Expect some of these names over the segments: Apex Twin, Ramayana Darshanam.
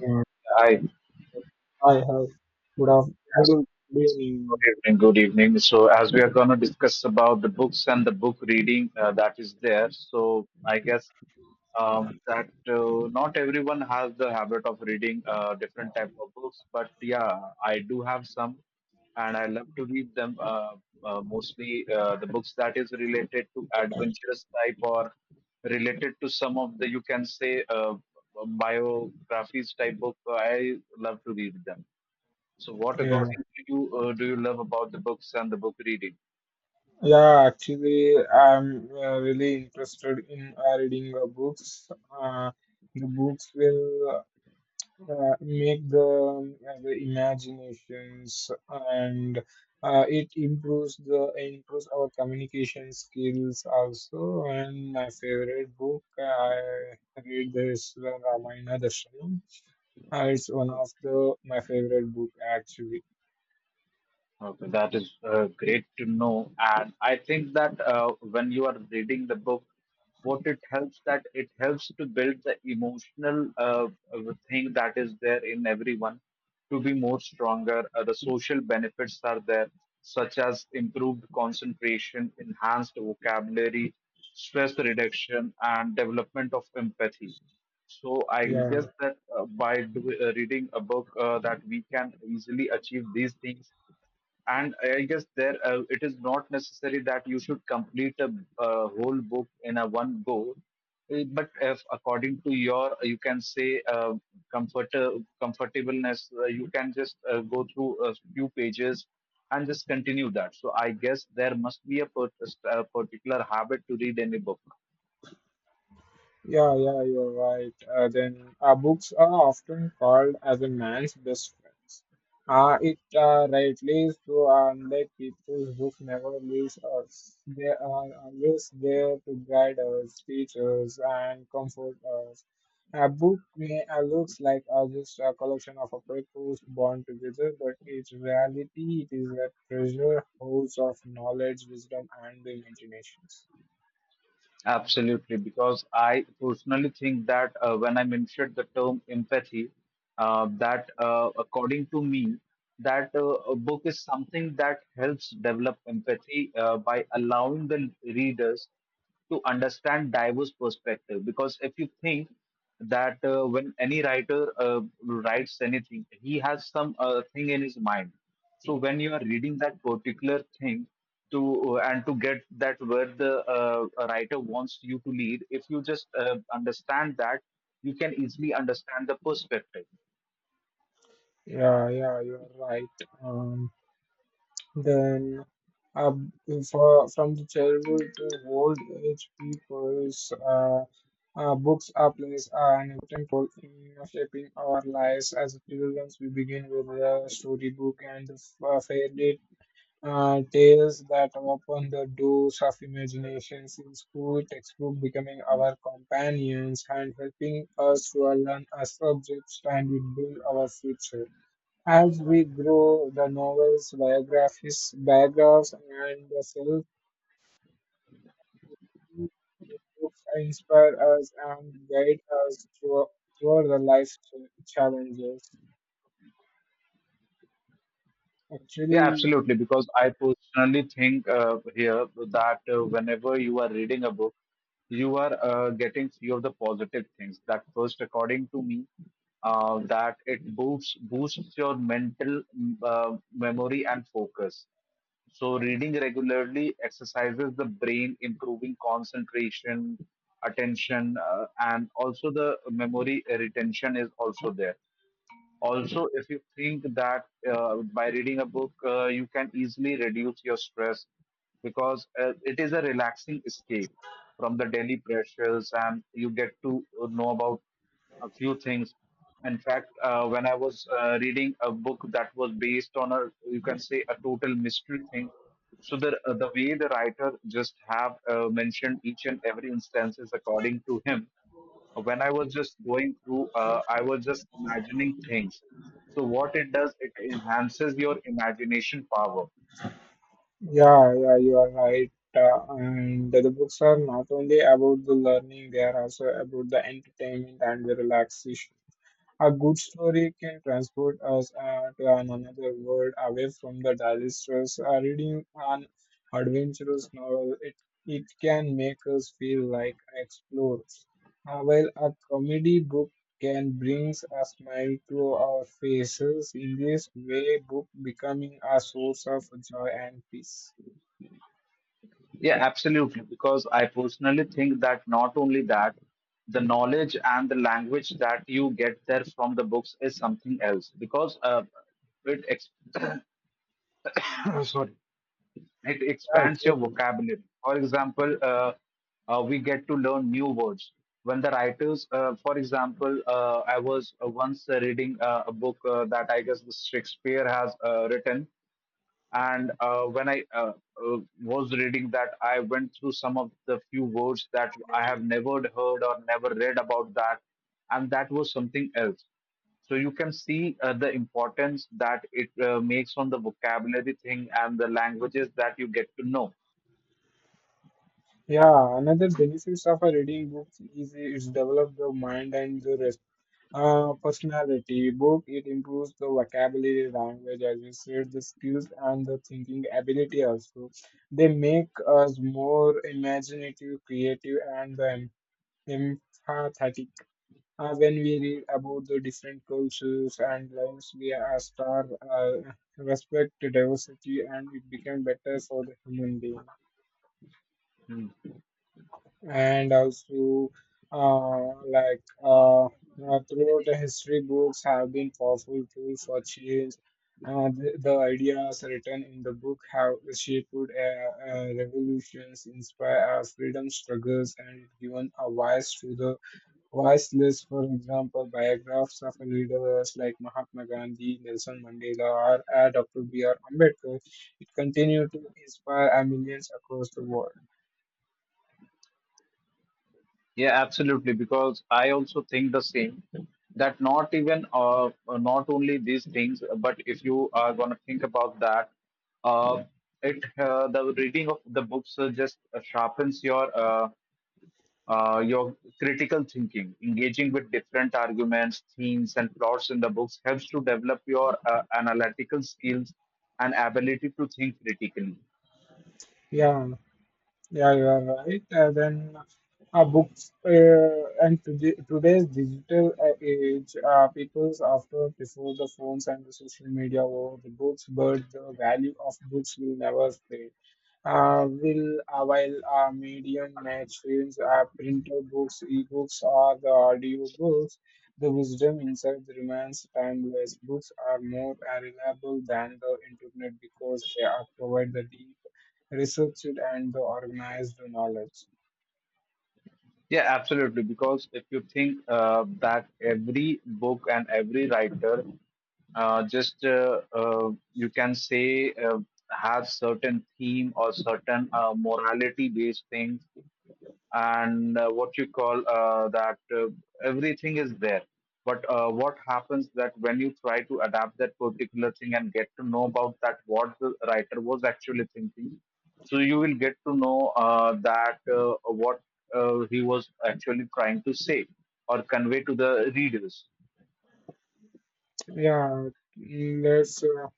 Yeah, Hi, I have yes. would Good been evening. Good evening. So, as we are going to discuss about the books and the book reading that is there, so I guess that not everyone has the habit of reading different type of books, but yeah, I do have some, and I love to read them. Mostly the books that is related to adventurous type or related to some of the you can say biographies type book. I love to read them. So, what yeah got you? Do you love about the books and the book reading? yeah. Actually, I'm really interested in reading books. The books will make the the imaginations, and it improves the improves our communication skills also. And my favorite book I read is Ramayana Darshanam. It's one of the my favorite book actually. Okay, that is great to know. And I think that when you are reading the book, what it helps that it helps to build the emotional thing that is there in everyone to be more stronger. The social benefits are there, such as improved concentration, enhanced vocabulary, stress reduction, and development of empathy. So I guess Yeah, that by reading a book that we can easily achieve these things, and I guess there it is not necessary that you should complete a, uh, whole book in a one go. But if according to your you can say uh, comfort comfortableness you can just go through a few pages and just continue that, so I guess there must be a, a particular habit to read any book. yeah, yeah, you're right. Then Books are often called as a man's best friends. It rightly is true, unlike people's book never leaves us. They are always there to guide us, teach us, and comfort us. A book may looks like just a collection of a papers bound together, but in reality, it is a treasure house of knowledge, wisdom, and the imaginations. Absolutely, because I personally think that when I mentioned the term empathy, that according to me, that a book is something that helps develop empathy by allowing the readers to understand diverse perspective. Because if you think that when any writer writes anything, he has some thing in his mind. So when you are reading that particular thing to and to get that where the writer wants you to lead, if you just understand that, you can easily understand the perspective. Yeah, yeah, you're right. Um, then, uh, from the childhood to old age people's, books are plays an important role in shaping our lives as children. We begin with the storybook and the fairy tales that open the doors of imaginations in school textbook, becoming our companions and helping us to learn our subjects, and we build our future. As we grow, the novel's biographies, biographs, and the self books inspire us and guide us through the life challenges. Yeah, Actually, absolutely. Because I personally think here that whenever you are reading a book, you are getting few of the positive things. That first, according to me, that it boosts your mental memory and focus. So reading regularly exercises the brain, improving concentration, attention, and also the memory retention is also there. Also, if you think that by reading a book, you can easily reduce your stress because it is a relaxing escape from the daily pressures and you get to know about a few things. In fact, when I was reading a book that was based on a, you can say, a total mystery thing. So the way the writer just have mentioned each and every instances according to him, when I was just going through, I was just imagining things. So what it does, it enhances your imagination power. yeah, yeah, you are right. And the books are not only about the learning, they are also about the entertainment and the relaxation. A good story can transport us to an another world away from the daily stress. Reading an adventurous novel, it can make us feel like explorers, while a comedy book can bring a smile to our faces. In this way, book becoming a source of joy and peace. Yeah, absolutely. Because I personally think that not only that, the knowledge and the language that you get there from the books is something else. Because it sorry. It Yeah, it's expands your okay. vocabulary. For example, we get to learn new words. When the writers, for example, I was once reading a book that I guess the Shakespeare has written, and when I uh, was reading that, I went through some of the few words that I have never heard or never read about that, and that was something else. So you can see the importance that it makes on the vocabulary thing and the languages that you get to know. Yeah, another benefits of a reading book is it's develop the mind and the personality book, it improves the vocabulary language, as you said, the skills and the thinking ability also. They make us more imaginative, creative, and empathetic. When we read about the different cultures and lives, we are star respect diversity, and it became better for the human being. Hmm. And also, throughout the history, books have been powerful tool for change. The ideas written in the book have shaped revolutions, inspired freedom struggles, and given a voice to the voiceless. For example, biographs of leaders like Mahatma Gandhi, Nelson Mandela, or Dr. B R Ambedkar, it continued to inspire millions across the world. Yeah, absolutely. Because I also think the same that not even not only these things, but if you are gonna think about that, uh, it the reading of the books just sharpens your critical thinking. Engaging with different arguments, themes, and plots in the books helps to develop your analytical skills and ability to think critically. Yeah. Yeah, you are right. Then books and today's digital age, people's after before the phones and the social media were the books, but the value of books will never fade. Will while medium magazines, printed books, ebooks, or the audio books, the wisdom inside the remains timeless. Books are more reliable than the internet because they are provide the deep, researched, and the organized knowledge. Yeah, absolutely. Because if you think that every book and every writer just you can say have certain theme or certain morality based things, and what you call that everything is there, but what happens that when you try to adapt that particular thing and get to know about that what the writer was actually thinking, so you will get to know that what he was actually trying to say or convey to the readers. Yeah, let's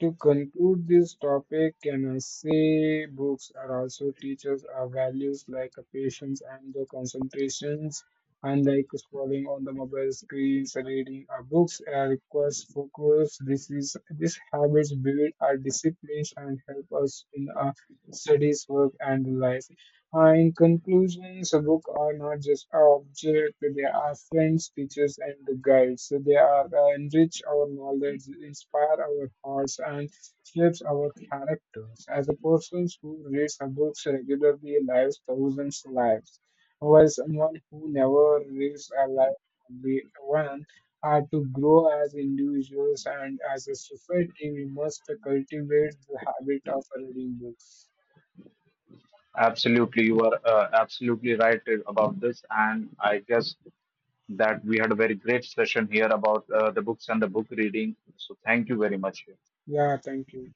to conclude this topic, can I say books are also teachers our values like patience and the concentrations. Unlike scrolling on the mobile screens, reading our books requires focus. This habits build our disciplines and help us in our studies, work, and life. In conclusion, a book are not just objects; they are friends, teachers, and guides. So they are enrich our knowledge, inspire our hearts, and shapes our characters. As a person who reads books regularly lives thousands lives, while someone who never reads a life only one, are to grow as individuals and as a society, we must cultivate the habit of reading books. Absolutely, you are absolutely right about this, and I guess that we had a very great session here about the books and the book reading, so thank you very much. Yeah, thank you.